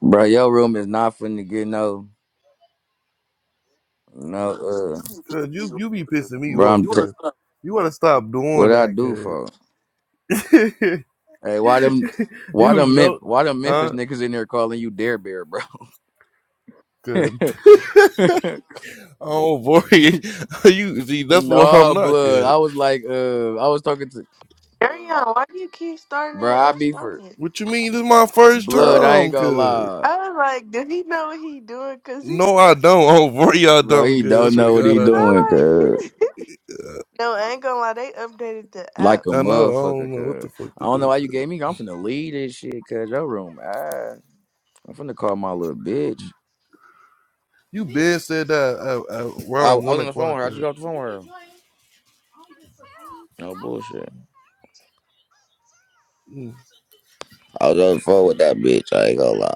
Bro, your room is not finna get no, no, uh, Cause you you be pissing me bro, I'm off, t- cause you wanna stop doing what I that, do for? cause Hey, why them, why you them, Mem- know, why them Memphis huh? niggas in there calling you Dare Bear, bro? Cause oh boy, you see that's what I'm no, not, blood. cause I was like, uh, I was talking to, Ariana, why do you keep starting bro, it I and be for unstarting it? what you mean this is my first blood. I time, ain't gonna cause lie, I was like, does he know what he doing? Cause he, no I don't, cause oh boy I bro. don't, He cause I don't swear to know what God he I don't. doing, I like, cuz. no, I ain't gonna lie, they updated the Like app. a I know I don't motherfucker, know what the cuz. fuck I to don't know do, why you cause gave me. I'm finna leave this shit, cuz your room, ass. I'm finna call my little bitch. you been said that at, at I, I around one was on the phone o'clock, with her. I just cause got off the phone with her. No bullshit. Mm. I was on the phone with that bitch. I ain't gonna lie.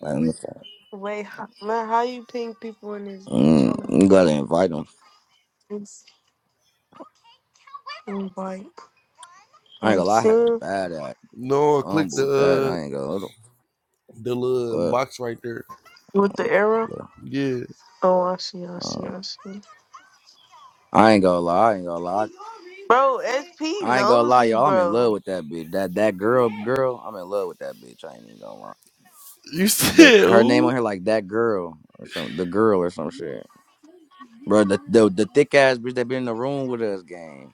Like, I'm sorry. Wait, how, man, how you ping people in this bitch? Mm, Hold you on, gotta invite him. it's invite, I ain't gonna like, lie. I had see a bad ass no I clicked the fumble that. I uh ain't gonna. the little What box right there, with the arrow. the fuck? yeah. Oh, I see, I see, Uh, I see. I ain't gonna lie. I ain't gonna lie. Bro, SP I ain't gonna lie, nosy, y'all. I'm in bro. love with that bitch. That that girl, girl. I'm in love with that bitch. I ain't even gonna lie. You The said her name who? on here like that girl or some the girl or some shit. Bro, the the, the thick ass bitch that been in the room with us, gang.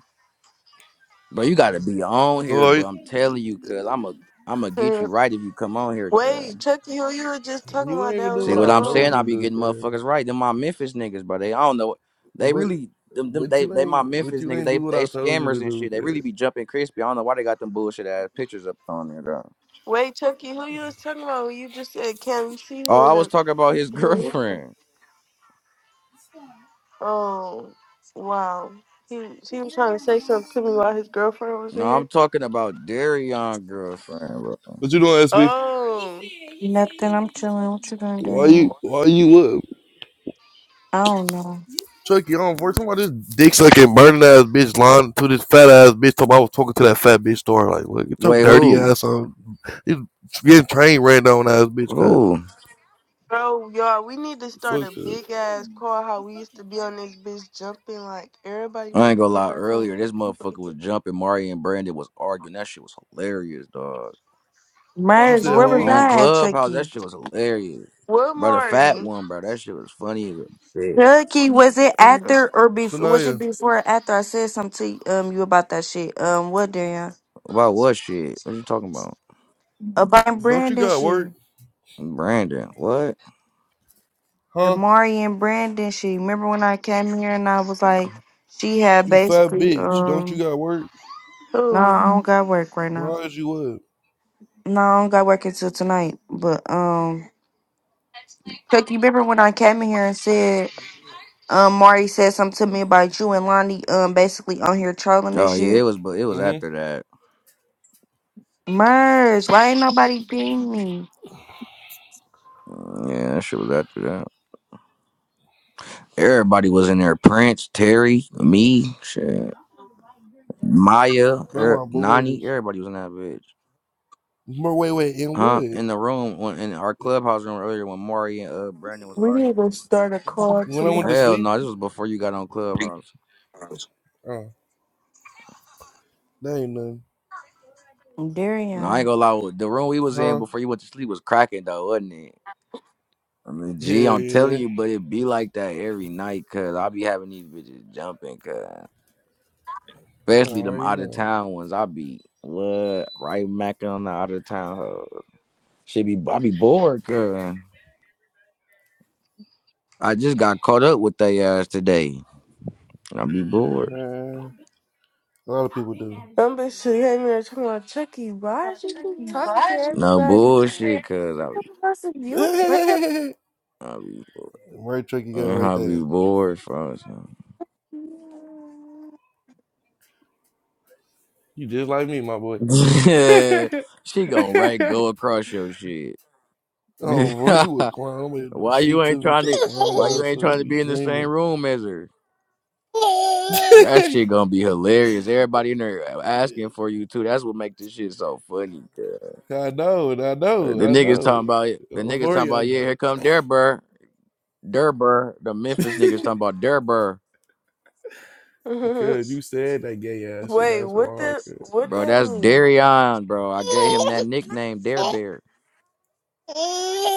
Bro, you gotta be on here, but Like I'm telling you, cuz I'm a you I'm gonna get Hmm. you right if you come on here, cuz. Wait, Chucky, who you were just talking you ain't about even that do was See what in what the I I'm told saying? room? I you to be do, getting kid. motherfuckers right. Them my Memphis niggas, bro. They I don't know. They But really them, them but they you they my ain't but Memphis you niggas. ain't They do what they I told you to scammers and do, shit. They really kid. be jumping crispy. I don't know why they got them bullshit ass pictures up on there, though. Wait, Chucky, who you was talking about when you just said, "Can you see Oh, who I in was the?" talking about his Who? girlfriend. Oh, wow. He he was trying to say something to me while his girlfriend was No, in there. I'm talking about Darion girlfriend, bro. What you doing, SB? Oh, Nothing. I'm chilling. What you gonna Why you do? why you up? I don't know. Chucky on for talking about this dick sucking burning ass bitch lying to this fat ass bitch talking about I was talking to that fat bitch store like look get your Wait, dirty who? ass on you getting train ran down ass bitch cuz Who? bro, y'all, we need to start fuck a cuz big ass call. How we used to be on this bitch jumping like everybody I need ain't to gonna get lie. back on Earlier, this motherfucker fucking. was jumping. Mari and Brandon was arguing. That shit was hilarious, dog. Where's you Merge, said where was who On Mari? I at, Clubhouse, that Chucky? shit was hilarious. What Bro, the fat Mari? one, bro, that shit was funny as a bitch. Chucky, was it after or before? Was it Shania before or after I said something to um you about that shit? Um, what Darian? About what shit? What you talking about? About don't you Brandon got work shit, Brandon, what? the huh Mari and Brandon shit. Remember when I came here and I was like, she had you fat basically bitch don't you um, got work no, Oh, I don't got work right why now. is you up No, I don't got work until tonight. But um, Chucky, remember when I came in here and said. Um, Mari said something to me about you and Lonnie. Um, basically on here trolling and Oh yeah, it shit. was, but it was hmm after that. Merge, why ain't nobody ping me? Mm, Yeah, that shit was after that. Everybody was in there. Prince, Terry, me, shit, Maya, They're er, my Nani. boys. Everybody was in that bitch. But wait, wait, in Huh? what? In the room, when, in our clubhouse room earlier, when Mari and uh, Brandon was we need arguing. to start a call When I went tomorrow. to Hell sleep? no, this was before you got on clubhouse. Oh, that ain't nothing. No, I ain't Darian. gonna lie. The room we was in huh? before you went to sleep was cracking though, wasn't it? I mean, gee, Yeah, I'm telling yeah. you, but it be like that every night, cause I be having these bitches jumping, cause Oh, I especially them already out of know. that. town ones. I be what right macking on the out of town. hoe. Shit be, I be bored, cause I just got caught up with they ass today. I be bored. Man, a lot of people do. Some bitch should hang there talking about Chucky. Why is you keep talking to No everybody? bullshit, cause I be, What's you playing? it. I be bored. Right trick you got right Uh, I be there. bored, for you just like me, my boy. she gonna right go across your shit. Oh, boy, you a clown. Nobody do why you shit ain't to me. trying You a to? Why clown you ass, ain't so you trying to be be in the same dreaming. room as her? Wait, That shit gonna be hilarious. Everybody in there asking for you too. That's what make this shit so funny. girl. I know, I Uh, know, The I niggas know. talking about it. The Of niggas talking course I about yeah. know. Here come Derber, Derber. The Memphis niggas talking about Derber, Because you said that gay ass shit. That's what why. I the could. what bro. that That's mean? Darion, bro. I gave him that nickname, Dare Bear,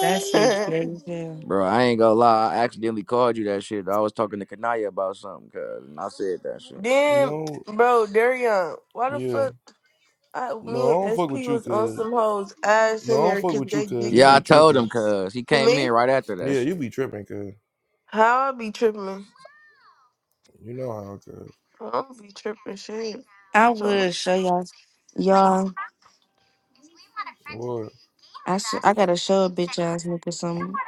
That shit gay as hell. bro. I ain't gonna lie. I accidentally called you that shit. I was talking to Kanaya about something, cuz, and I said that shit. Damn, No, bro, Darion, why the yeah. fuck I, No, I me don't and fuck with SP you, was on cuz. some hoes ass No, in I don't there fuck because with you, they cuz. dick You Yeah, I be sucking. told him, tripping. cuz he came Me? in right after that Yeah, you shit. be tripping, cuz. How I be tripping? You know how, cuz. I don't be tripping shit. You I talking would about? show y'all, y'all. What? I s- I gotta show a bitch ass nigga something.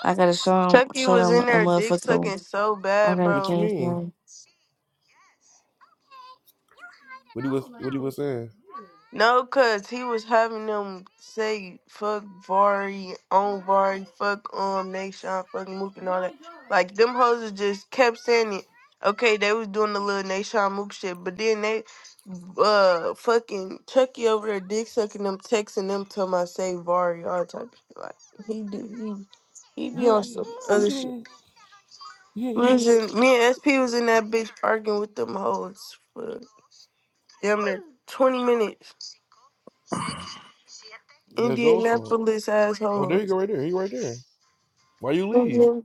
I gotta show him, Chucky show was them in a there dick motherfucker. sucking so I bad, got What bro. you game mean? plan. What he was, what he was saying? No, cause he was having them say fuck Vari, on Vari, fuck um Nation, fuck Mook and all that. Like them hoes just kept saying it. Okay, they was doing the little Nation Mook shit, but then they uh fucking Chucky over there dick sucking them, texting them till my say Vari, all type of shit. Like he do he he be on some other shit. We was in, me and SP was in that bitch arguing with them hoes for damn near twenty minutes. That's your fault. Indianapolis Oh, there asshole. you go, right there. He right there. Why you leave? Indian,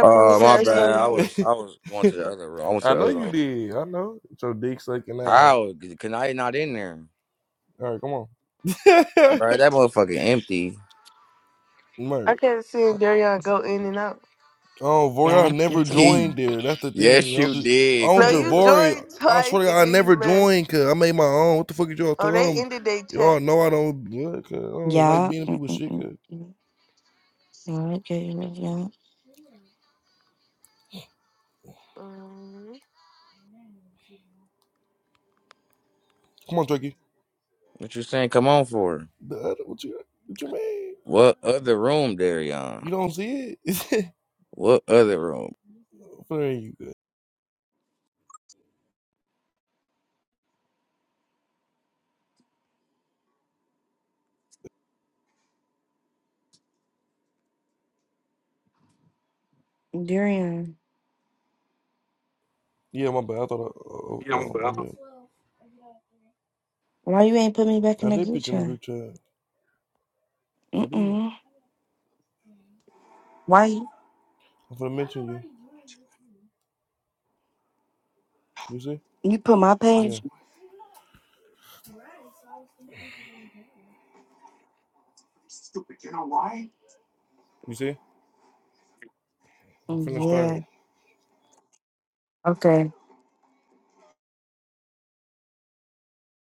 Uh, my bad. asshole. I was I was going to the other room. I went to I the know other you room. did. I know. It's your dick sucking ass. How can I not in there, All right, come on. bro? That motherfucker empty. Merch. I can't see Darion go in and out. Oh, Vori, I Yeah. never that's it. He, joined there. That's the thing. yes, Y'all you just did. on No, you Cause Javori. joined I twice swear to and God, I then never you left. joined cause I made my own. What the fuck is y'all Oh, talking? I they don't- ended their Y'all check. know I don't. What, 'cause I don't like Yeah. being in people's shit. Mm-mm-mm. 'cause- Yeah. Okay. Yeah. Come on, Turkey. what you saying? Come on for The other, what you what you mean? what other room, Darion? You don't see it? What other room? There you go. Darian, Yeah, my bad. I thought I, oh, oh, oh, I mean, why you ain't put me back I in the did group put you in the chat? group chat. I Mm-mm. did. Why you I'm gonna mention you. You see? you put my Yeah. page? You see? I'm finna start it. Yeah. Okay.